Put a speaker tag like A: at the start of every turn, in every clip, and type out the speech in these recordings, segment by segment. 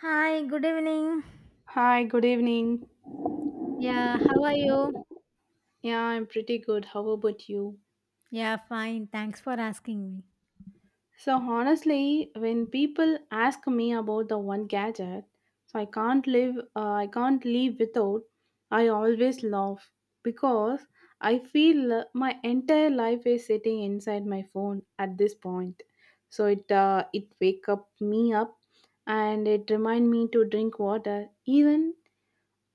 A: Hi, good evening.
B: Hi, good evening.
A: Yeah, how are you?
B: Yeah, I'm pretty good. How about you?
A: Yeah, fine. Thanks for asking me.
B: So, honestly, when people ask me about the one gadget, so I can't live without, I always laugh because I feel my entire life is sitting inside my phone at this point. So it it wake up me up, and it remind me to drink water. Even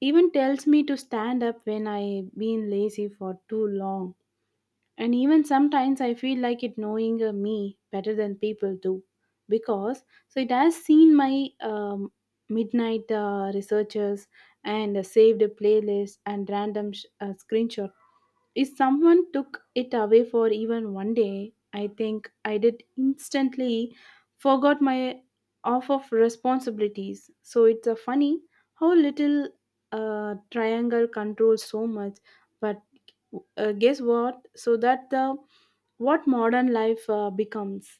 B: even tells me to stand up when I been lazy for too long. And even sometimes I feel like it knowing me better than people do. Because so it has seen my midnight researchers and saved playlist and random screenshot if someone took it away for even one day, I think I did instantly forgot my off of responsibilities. So it's a funny how little triangle controls so much. But guess what? So that the what modern life becomes.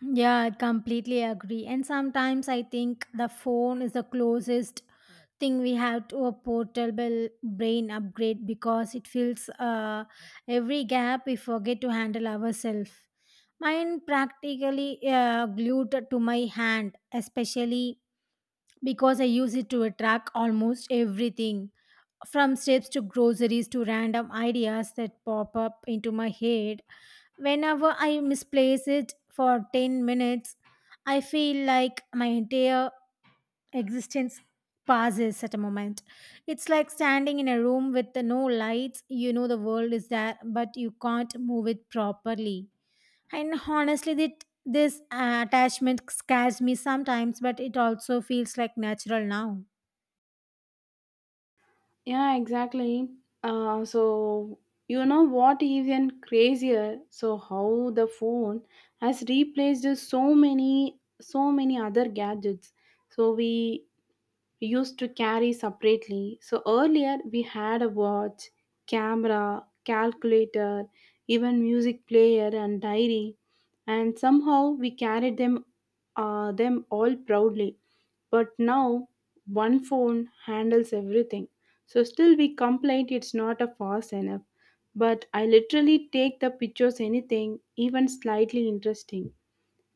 A: Yeah, I completely agree. And sometimes I think the phone is the closest thing we have to a portable brain upgrade because it fills every gap we forget to handle ourselves. Mine practically glued to my hand, especially because I use it to track almost everything from steps to groceries to random ideas that pop up into my head. Whenever I misplace it for 10 minutes, I feel like my entire existence passes at a moment. It's like standing in a room with no lights. You know the world is there, but you can't move it properly. And honestly, that this attachment scares me sometimes, but it also feels like natural now.
B: Yeah, exactly. So you know what even crazier? So how the phone has replaced so many other gadgets. So we used to carry separately. So earlier we had a watch, camera, calculator, even music player and diary and somehow we carried them all proudly, but now one phone handles everything, so still we complain it's not a fast enough, but I literally take the pictures anything even slightly interesting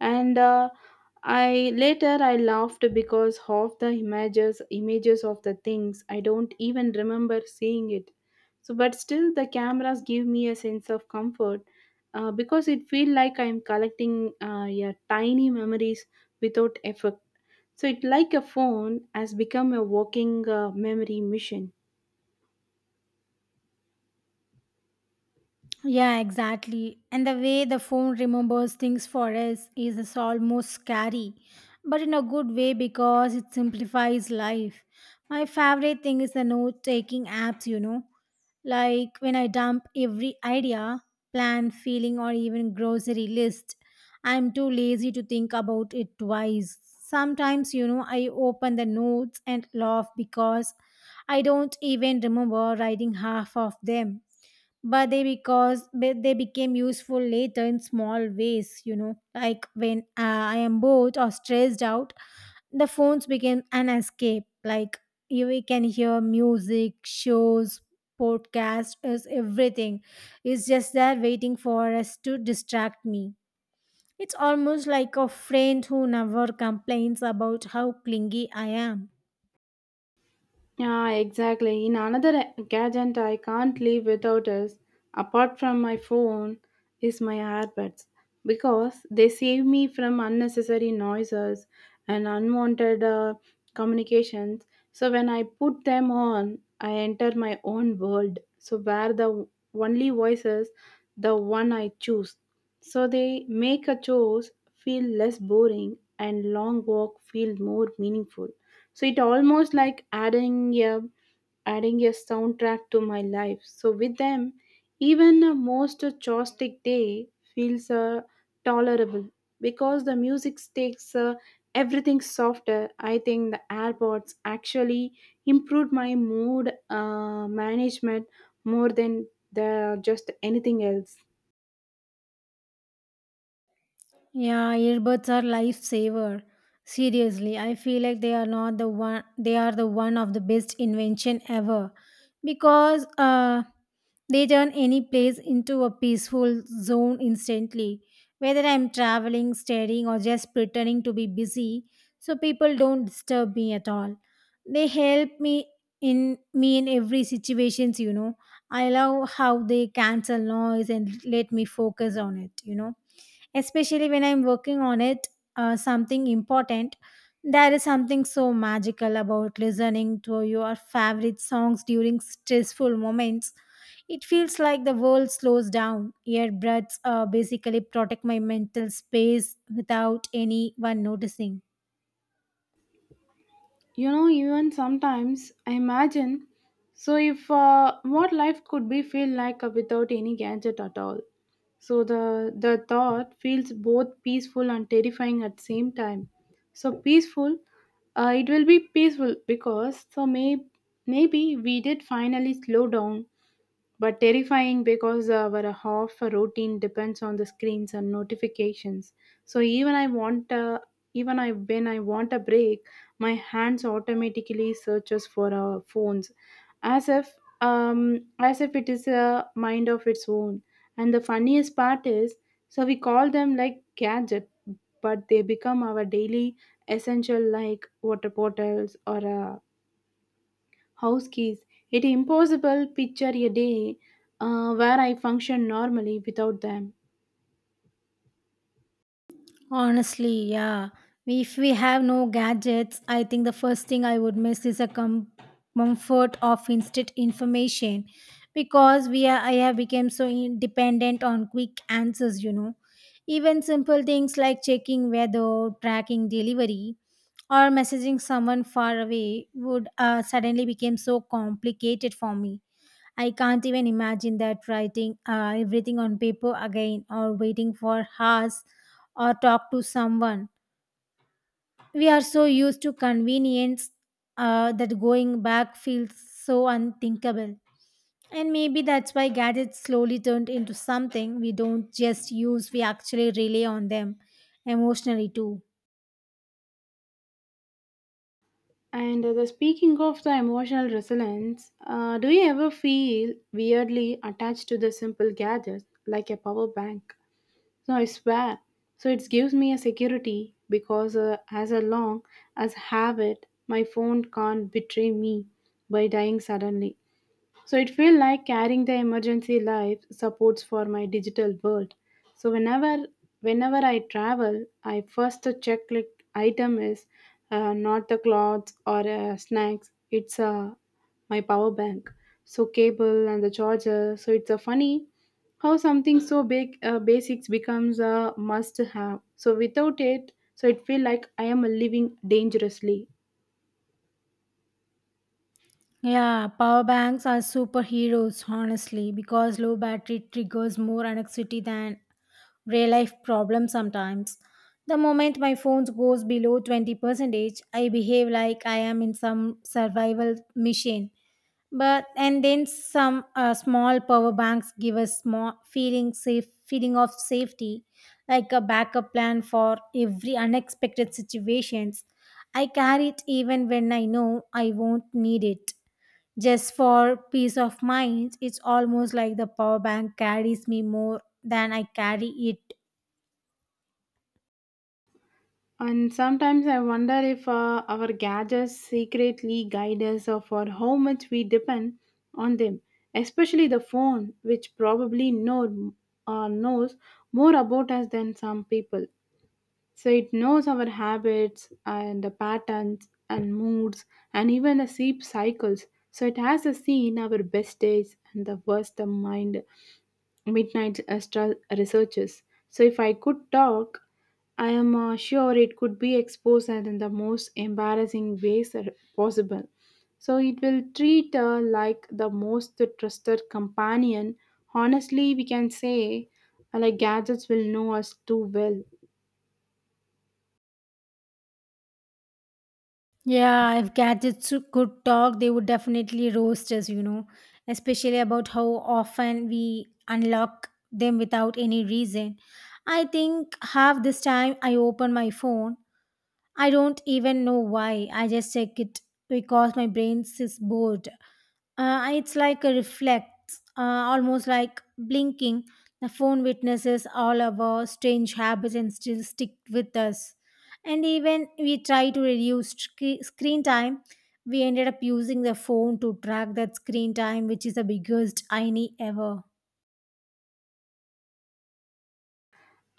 B: and I later I laughed because half the images of the things I don't even remember seeing it. So but still the cameras give me a sense of comfort because it feel like I'm collecting yeah, tiny memories without effort. So it like a phone has become a walking memory machine.
A: Yeah, exactly. And the way the phone remembers things for us is almost scary, but in a good way because it simplifies life. My favorite thing is the note taking apps, you know, like when I dump every idea, plan, feeling, or even grocery list, I'm too lazy to think about it twice. Sometimes, you know, I open the notes and laugh because I don't even remember writing half of them, but they became useful later in small ways. You know, like when I am bored or stressed out, the phones became an escape. Like, you, we can hear music shows, podcasts, is everything. It's just there waiting for us to distract me. It's almost like a friend who never complains about how clingy I am.
B: Yeah, exactly. In another gadget I can't live without is, apart from my phone, is my earbuds because they save me from unnecessary noises and unwanted communications. So when I put them on, I enter my own world. So where the only voice is the one I choose. So they make a chores feel less boring and long walk feel more meaningful. So it almost like adding a soundtrack to my life. So with them, even a most chaotic day feels tolerable because the music takes everything softer. I think the AirPods actually improved my mood management more than the just anything else.
A: Yeah, earbuds are lifesaver. Seriously, I feel like they are not the one. They are the one of the best invention ever, because they turn any place into a peaceful zone instantly. Whether I'm traveling, studying, or just pretending to be busy, so people don't disturb me at all. They help me in every situations. You know, I love how they cancel noise and let me focus on it. You know, especially when I'm working on it, something important. There is something so magical about listening to your favorite songs during stressful moments. It feels like the world slows down. Earbuds basically protect my mental space without anyone noticing.
B: You know, even sometimes I imagine so if what life could be feel like without any gadget at all. So the thought feels both peaceful and terrifying at the same time. So peaceful, it will be peaceful because so maybe we did finally slow down, but terrifying because our half routine depends on the screens and notifications. So even I want even I when I want a break, my hands automatically searches for our phones as if um it is a mind of its own. And the funniest part is so we call them like gadget but they become our daily essential like water bottles or a house keys. It impossible picture a day where I function normally without them.
A: Honestly, yeah. If we have no gadgets, I think the first thing I would miss is a comfort of instant information, because we are, I have become so dependent on quick answers, you know. Even simple things like checking weather, tracking delivery, or messaging someone far away would suddenly become so complicated for me. I can't even imagine that writing everything on paper again, or waiting for hours, or talk to someone. We are so used to convenience that going back feels so unthinkable. And maybe that's why gadgets slowly turned into something we don't just use, we actually rely on them emotionally too.
B: And the speaking of the emotional resilience, do you ever feel weirdly attached to the simple gadgets like a power bank? No, I swear. So it gives me a security because as long as have it, my phone can't betray me by dying suddenly. So it feel like carrying the emergency life supports for my digital world. So whenever I travel, I first check like item is not the clothes or snacks. It's my power bank. So cable and the charger. So it's a funny how something so big basics becomes a must have. So without it, so it feel like I am living dangerously.
A: Yeah, power banks are superheroes, honestly, because low battery triggers more anxiety than real life problem sometimes. The moment my phone goes below 20%, I behave like I am in some survival machine. But and then some small power banks give us small feeling safe feeling of safety, like a backup plan for every unexpected situations. I carry it even when I know I won't need it. Just for peace of mind, it's almost like the power bank carries me more than I carry it.
B: And sometimes I wonder if our gadgets secretly guide us or for how much we depend on them, especially the phone, which probably knows more about us than some people. So it knows our habits and the patterns and moods and even the sleep cycles. So it has a seen our best days and the worst of mind midnight astra researchers. So if I could talk, I am sure it could be exposed in the most embarrassing ways are possible. So it will treat her like the most trusted companion. Honestly, we can say like gadgets will know us too well.
A: Yeah, if gadgets could talk, they would definitely roast us, you know, especially about how often we unlock them without any reason. I think half this time I open my phone, I don't even know why. I just check it because my brain is bored. It's like a reflex, uh, almost like blinking. The phone witnesses all of our strange habits and still stick with us. And even we try to reduce screen time, we ended up using the phone to track that screen time, which is the biggest irony ever.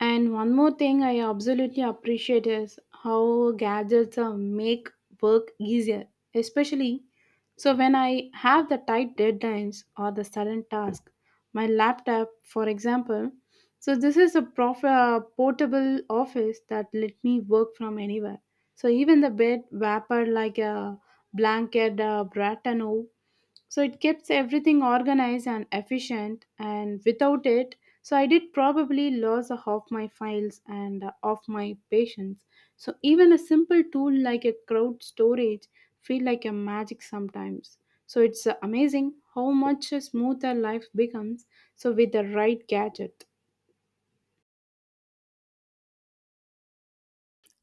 B: And one more thing I absolutely appreciate is how gadgets make work easier, especially so when I have the tight deadlines or the sudden task. My laptop, for example, so this is a portable office that let me work from anywhere. So even the bed wrapper like a blanket, bratano, so it keeps everything organized and efficient, and without it, so I did probably lose a half my files and of my patience. So even a simple tool like a crowd storage feel like a magic sometimes. So it's amazing how much smoother life becomes so with the right gadget.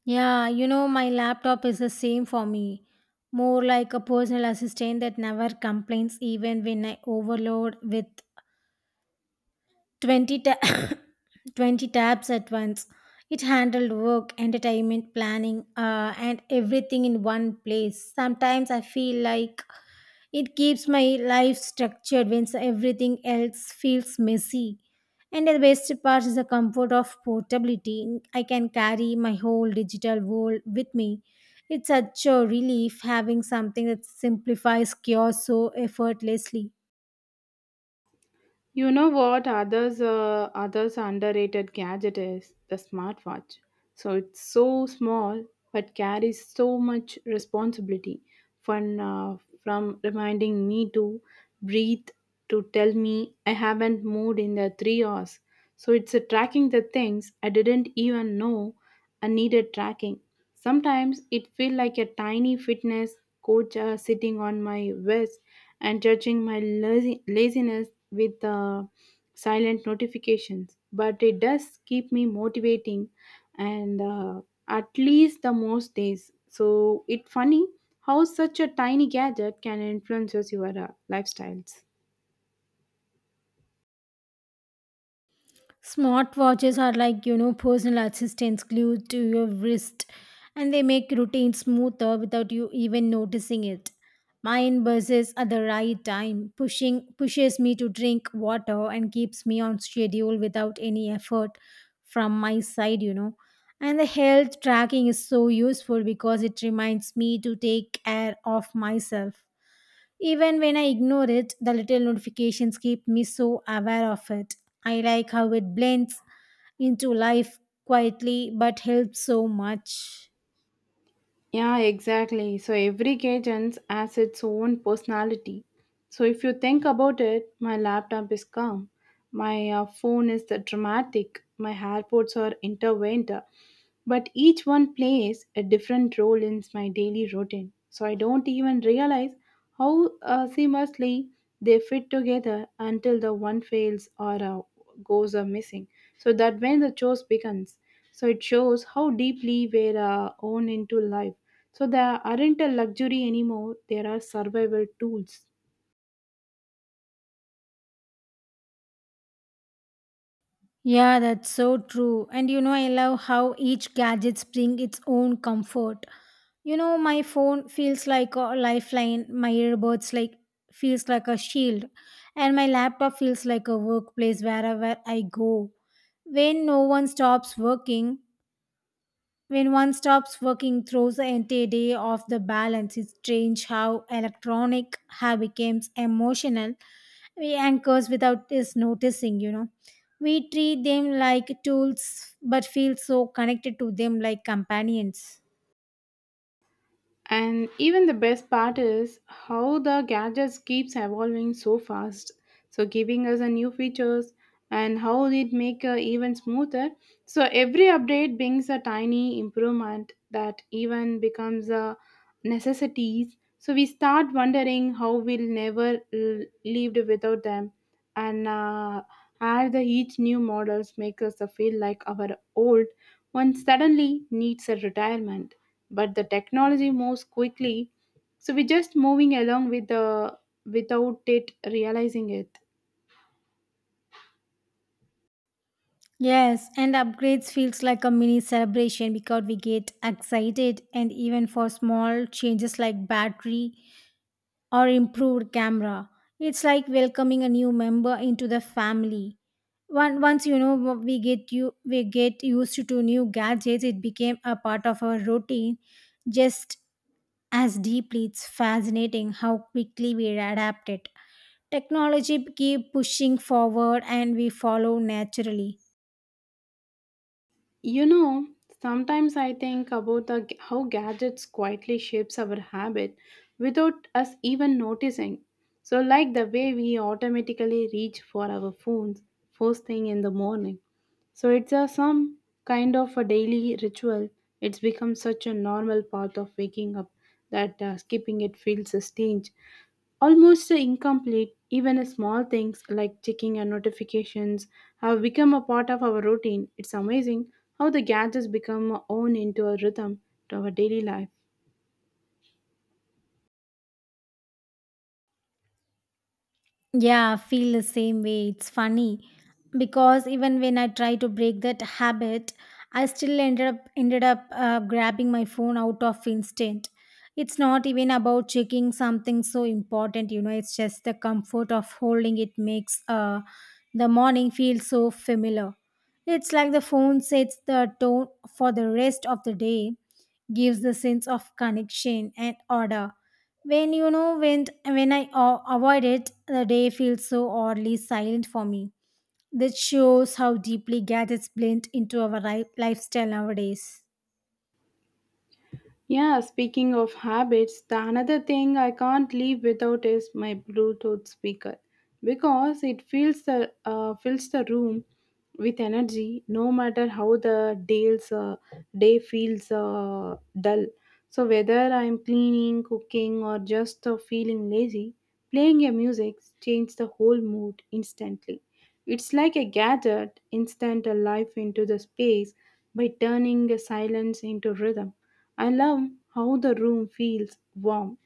A: Yeah, you know, my laptop is the same for me. More like a personal assistant that never complains even when I overload with 20, 20 tabs at once. It handled work, entertainment, planning, and everything in one place. Sometimes I feel like it keeps my life structured when everything else feels messy. And the best part is the comfort of portability. I can carry my whole digital world with me. It's such a relief having something that simplifies chaos so effortlessly.
B: You know what others underrated gadget is the smartwatch. So it's so small but carries so much responsibility, from uh, from reminding me to breathe to tell me I haven't moved in the 3 hours. So it's tracking the things I didn't even know and needed tracking. Sometimes it felt like a tiny fitness coach sitting on my wrist and judging my laziness with silent notifications. But it does keep me motivating and at least the most days. So it's funny how such a tiny gadget can influence your lifestyles.
A: Smartwatches are like, you know, personal assistants glued to your wrist, and they make routine smoother without you even noticing it. Mine buzzes at the right time, pushing pushes me to drink water and keeps me on schedule without any effort from my side, you know. And the health tracking is so useful because it reminds me to take care of myself. Even when I ignore it, the little notifications keep me so aware of it. I like how it blends into life quietly but helps so much.
B: Yeah, exactly. So every cadence has its own personality. So if you think about it, my laptop is calm, my phone is the dramatic, my AirPods are intervened. But each one plays a different role in my daily routine. So I don't even realize how seamlessly they fit together until the one fails or goes are missing. So that when the chores begins, so it shows how deeply we're own into life. So there aren't a luxury anymore, there are survival tools.
A: Yeah, that's so true. And you know, I love how each gadget brings its own comfort. You know, my phone feels like a lifeline, my earbuds feels like a shield, and my laptop feels like a workplace wherever I go. When no one stops working, When one stops working, throws the entire day off the balance. It's strange how electronic have becomes emotional. We anchors without us noticing, you know. We treat them like tools, but feel so connected to them like companions.
B: And even the best part is how the gadgets keeps evolving so fast, so giving us a new features and how it make even smoother. So every update brings a tiny improvement that even becomes a necessities. So we start wondering how we'll never lived without them, and as the each new models make us feel like our old one suddenly needs a retirement, but the technology moves quickly, so we're just moving along with the without it realizing it.
A: Yes, and upgrades feels like a mini celebration because we get excited and even for small changes like battery or improved camera. It's like welcoming a new member into the family. Once you know what we get, you, we get used to new gadgets, it became a part of our routine. Just as deeply, it's fascinating how quickly we adapt it. Technology keep pushing forward, and we follow naturally.
B: You know, sometimes I think about how gadgets quietly shapes our habit without us even noticing. So like the way we automatically reach for our phones first thing in the morning. So it's a some kind of a daily ritual. It's become such a normal part of waking up that skipping it feels a strange. Almost incomplete, even small things like checking our notifications have become a part of our routine. It's amazing how the gadgets become own into a rhythm to our daily life.
A: Yeah, feel the same way. It's funny because even when I try to break that habit, I still ended up grabbing my phone out of instinct. It's not even about checking something so important, you know. It's just the comfort of holding it makes the morning feel so familiar. It's like the phone sets the tone for the rest of the day, gives the sense of connection and order. When you know, when I avoid it, the day feels so oddly silent for me. This shows how deeply gadgets blend into our lifestyle nowadays.
B: Yeah, speaking of habits, the another thing I can't live without is my Bluetooth speaker because it fills the room with energy no matter how the day feels dull. So whether I'm cleaning, cooking, or just feeling lazy, playing a music changes the whole mood instantly. It's like a gadget instant a life into the space by turning a silence into rhythm. I love how the room feels warm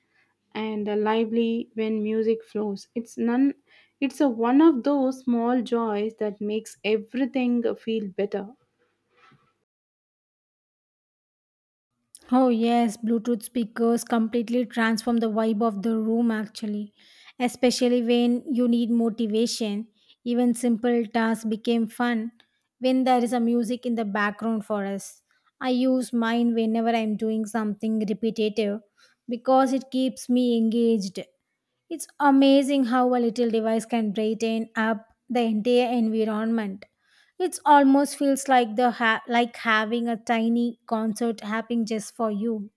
B: and lively when music flows. It's none, it's a one of those small joys that makes everything feel better.
A: Oh, yes, Bluetooth speakers completely transform the vibe of the room actually, especially when you need motivation. Even simple tasks became fun when there is a music in the background for us. I use mine whenever I'm doing something repetitive because it keeps me engaged. It's amazing how a little device can brighten up the entire environment. It almost feels like like having a tiny concert happening just for you.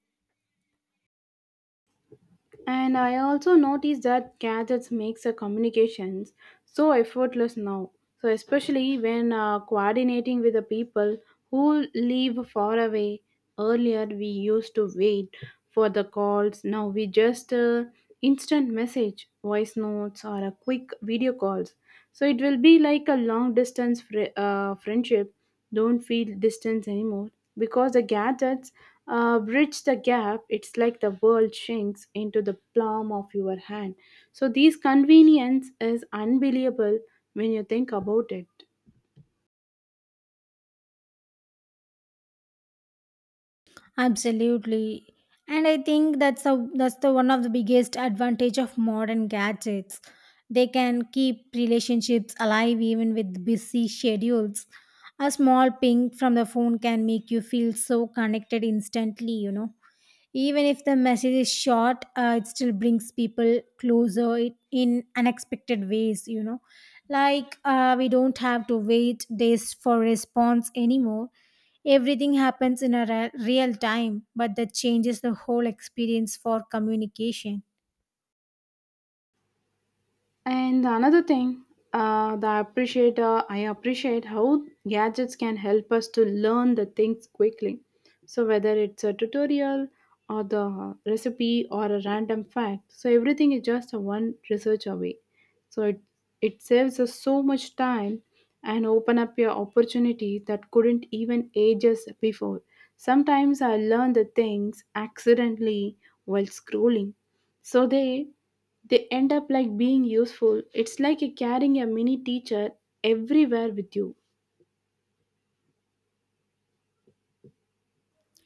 B: And I also noticed that gadgets makes the communications so effortless now. So especially when coordinating with the people who live far away. Earlier we used to wait for the calls. Now we just instant message, voice notes, or a quick video calls. So it will be like a long distance friendship don't feel distance anymore because the gadgets bridge the gap. It's like the world shrinks into the palm of your hand. So these convenience is unbelievable when you think about it.
A: Absolutely. And I think that's a, that's the one of the biggest advantage of modern gadgets. They can keep relationships alive even with busy schedules. A small ping from the phone can make you feel so connected instantly, you know. Even if the message is short, it still brings people closer in unexpected ways, you know. Like we don't have to wait days for response anymore. Everything happens in a real time, but that changes the whole experience for communication.
B: And another thing, the appreciate I appreciate how gadgets can help us to learn the things quickly. So whether it's a tutorial or the recipe or a random fact, so everything is just a one research away. So it saves us so much time and open up your opportunity that couldn't even ages before. Sometimes I learn the things accidentally while scrolling. So they end up like being useful. It's like you're carrying a mini teacher everywhere with you.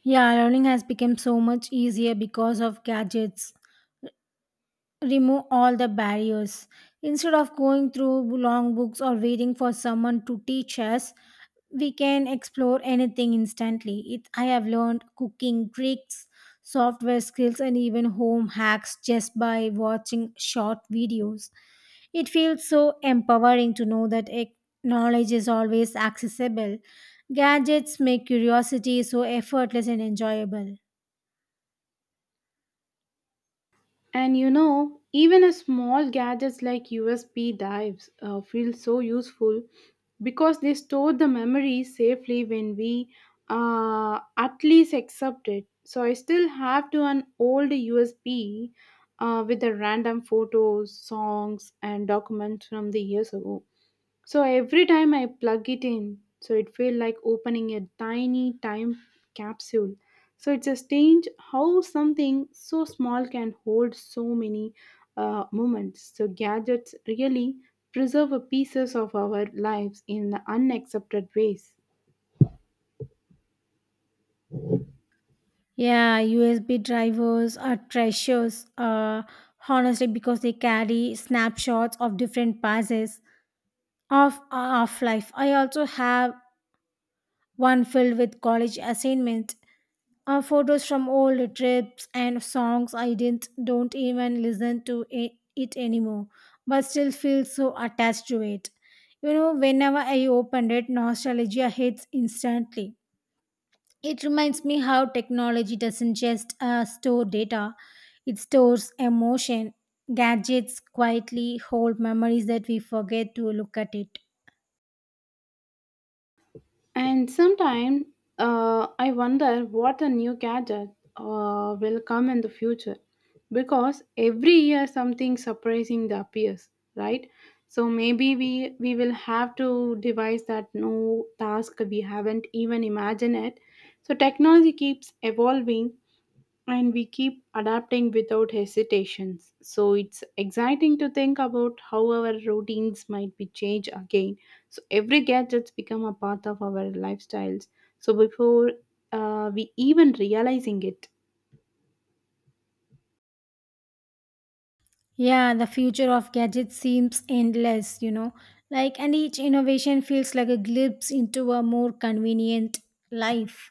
A: Yeah, learning has become so much easier because of gadgets. Remove all the barriers. Instead of going through long books or waiting for someone to teach us, we can explore anything instantly. It, I have learned cooking tricks, software skills, and even home hacks just by watching short videos. It feels so empowering to know that knowledge is always accessible. Gadgets make curiosity so effortless and enjoyable.
B: And you know even a small gadgets like USB drives feel so useful because they store the memory safely when we at least accept it. So I still have to an old USB with the random photos songs and documents from the years ago. So every time I plug it in, so it feel like opening a tiny time capsule. So it's a strange how something so small can hold so many moments. So gadgets really preserve a pieces of our lives in unaccepted ways.
A: Yeah, USB drivers are treasures, honestly, because they carry snapshots of different passes of life. I also have one filled with college assignments, photos from old trips, and songs I didn't don't even listen to it anymore, but still feel so attached to it. You know, whenever I open it, nostalgia hits instantly. It reminds me how technology doesn't just store data, it stores emotion. Gadgets quietly hold memories that we forget to look at it.
B: And sometimes I wonder what a new gadget will come in the future, because every year something surprising appears, right? So maybe we will have to devise that new task we haven't even imagined it. So technology keeps evolving and we keep adapting without hesitations. So it's exciting to think about how our routines might be changed again. So every gadget's become a part of our lifestyles. So before we even realizing it.
A: Yeah, the future of gadgets seems endless, you know. Like, and each innovation feels like a glimpse into a more convenient life.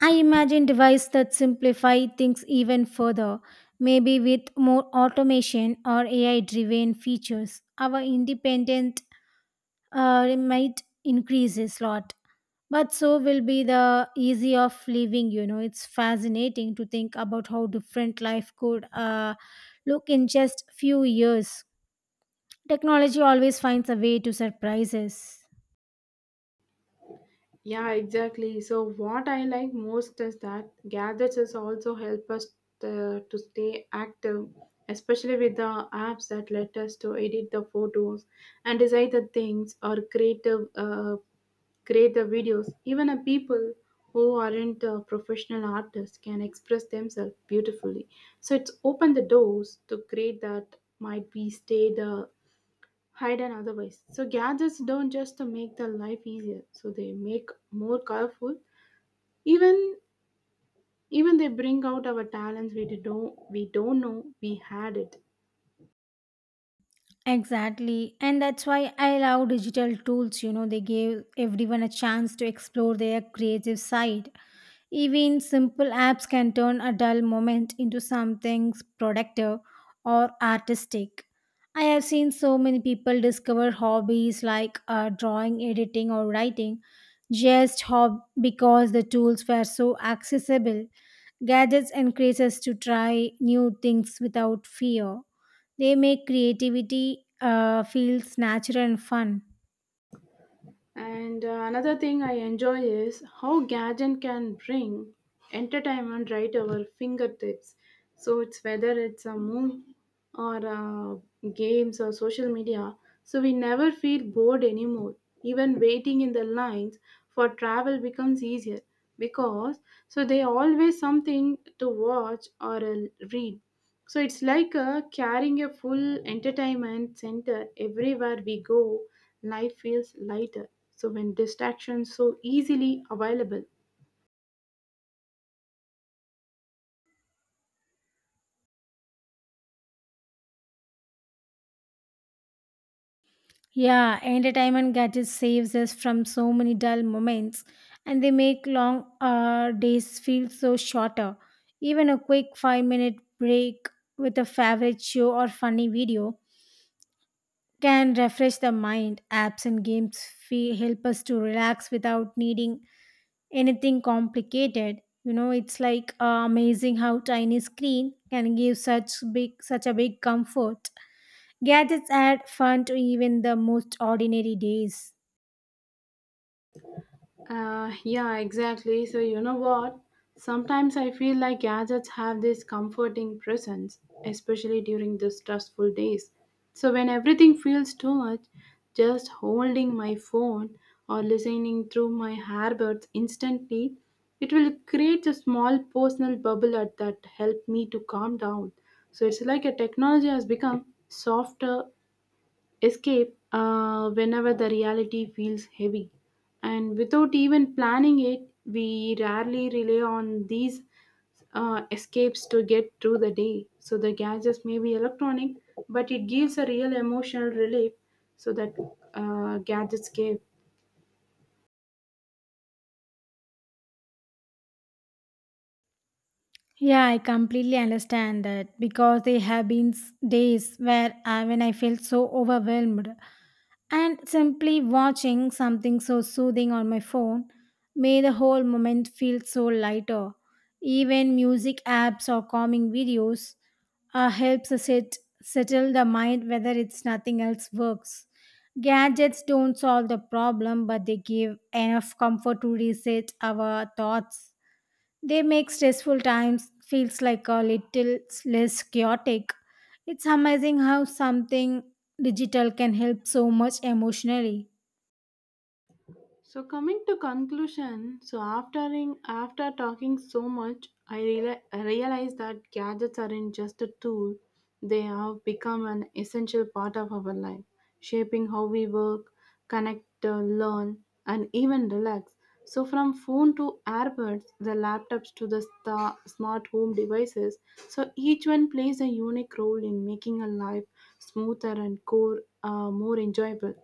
A: I imagine devices that simplify things even further, maybe with more automation or AI driven features. Our independent it might increase a lot, but so will be the easy of living. You know, it's fascinating to think about how different life could look in just few years. Technology always finds a way to surprise us.
B: Yeah, exactly. So what I like most is that gadgets is also help us to stay active, especially with the apps that let us to edit the photos and decide the things or creative create the videos. Even a people who aren't professional artists can express themselves beautifully. So it's opened the doors to create that might be stayed hidden otherwise. So gadgets don't just make the life easier. So they make more colorful. Even even they bring out our talents we don't know we had it.
A: Exactly. And that's why I love digital tools. You know, they give everyone a chance to explore their creative side. Even simple apps can turn a dull moment into something productive or artistic. I have seen so many people discover hobbies like drawing, editing, or writing just because the tools were so accessible. Gadgets encourage us to try new things without fear. They make creativity feels natural and fun.
B: And another thing I enjoy is how gadget can bring entertainment right our fingertips. So it's whether it's a movie or games or social media. So we never feel bored anymore. Even waiting in the lines for travel becomes easier because so they always something to watch or read. So it's like carrying a full entertainment center everywhere we go. Life feels lighter. So when distractions so easily available.
A: Yeah, entertainment gadgets saves us from so many dull moments, and they make long days feel so shorter. Even a quick 5-minute minute break with a favorite show or funny video can refresh the mind. Apps and games feel, help us to relax without needing anything complicated. You know, it's like amazing how tiny screen can give such big such a big comfort. Gadgets add fun to even the most ordinary days.
B: Yeah, exactly. So, you know what? Sometimes I feel like gadgets have this comforting presence, especially during the stressful days. So, when everything feels too much, just holding my phone or listening through my earbuds instantly, it will create a small personal bubble at that help me to calm down. So, it's like a technology has become softer escape whenever the reality feels heavy. And without even planning it, we rarely rely on these escapes to get through the day. So the gadgets may be electronic, but it gives a real emotional relief so that gadgets give.
A: Yeah, I completely understand that because there have been days where I, when I felt so overwhelmed, and simply watching something so soothing on my phone made the whole moment feel so lighter. Even music apps or calming videos helps us it settle the mind whether it's nothing else works. Gadgets don't solve the problem, but they give enough comfort to reset our thoughts. They make stressful times feels like a little less chaotic. It's amazing how something digital can help so much emotionally.
B: So coming to conclusion, so after in, after talking so much, I realized that gadgets aren't just a tool; they have become an essential part of our life, shaping how we work, connect, learn, and even relax. So from phone to earbuds, the laptops to the sta smart home devices, so each one plays a unique role in making a life smoother and core, more enjoyable.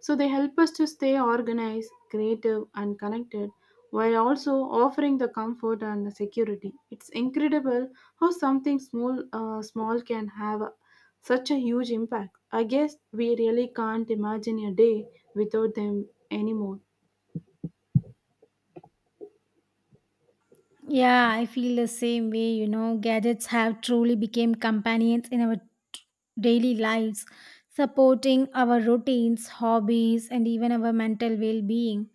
B: So they help us to stay organized, creative, and connected while also offering the comfort and the security. It's incredible how something small can have such a huge impact. I guess we really can't imagine a day without them anymore.
A: Yeah, I feel the same way. You know, gadgets have truly become companions in our daily lives, supporting our routines, hobbies, and even our mental well being.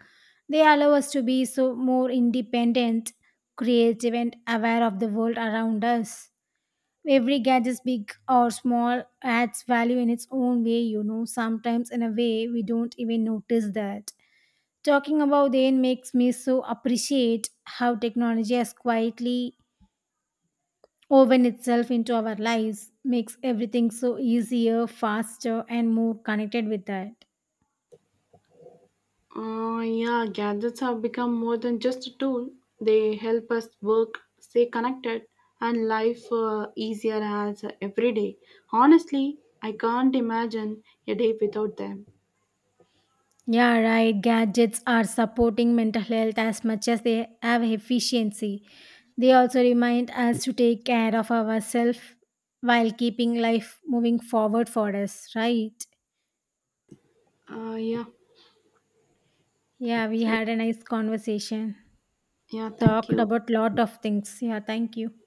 A: They allow us to be so more independent, creative, and aware of the world around us. Every gadget big or small adds value in its own way, you know, sometimes in a way we don't even notice that. Talking about them makes me so appreciate how technology has quietly woven itself into our lives, makes everything so easier, faster, and more connected with that.
B: Yeah, gadgets have become more than just a tool. They help us work, stay connected, and life easier as every day. Honestly, I can't imagine a day without them.
A: Yeah, right. Gadgets are supporting mental health as much as they have efficiency. They also remind us to take care of ourselves while keeping life moving forward for us, right?
B: Yeah,
A: Yeah, we
B: so
A: had a nice conversation.
B: yeah, thank
A: Talked
B: you.
A: about lot of things. Yeah, thank you.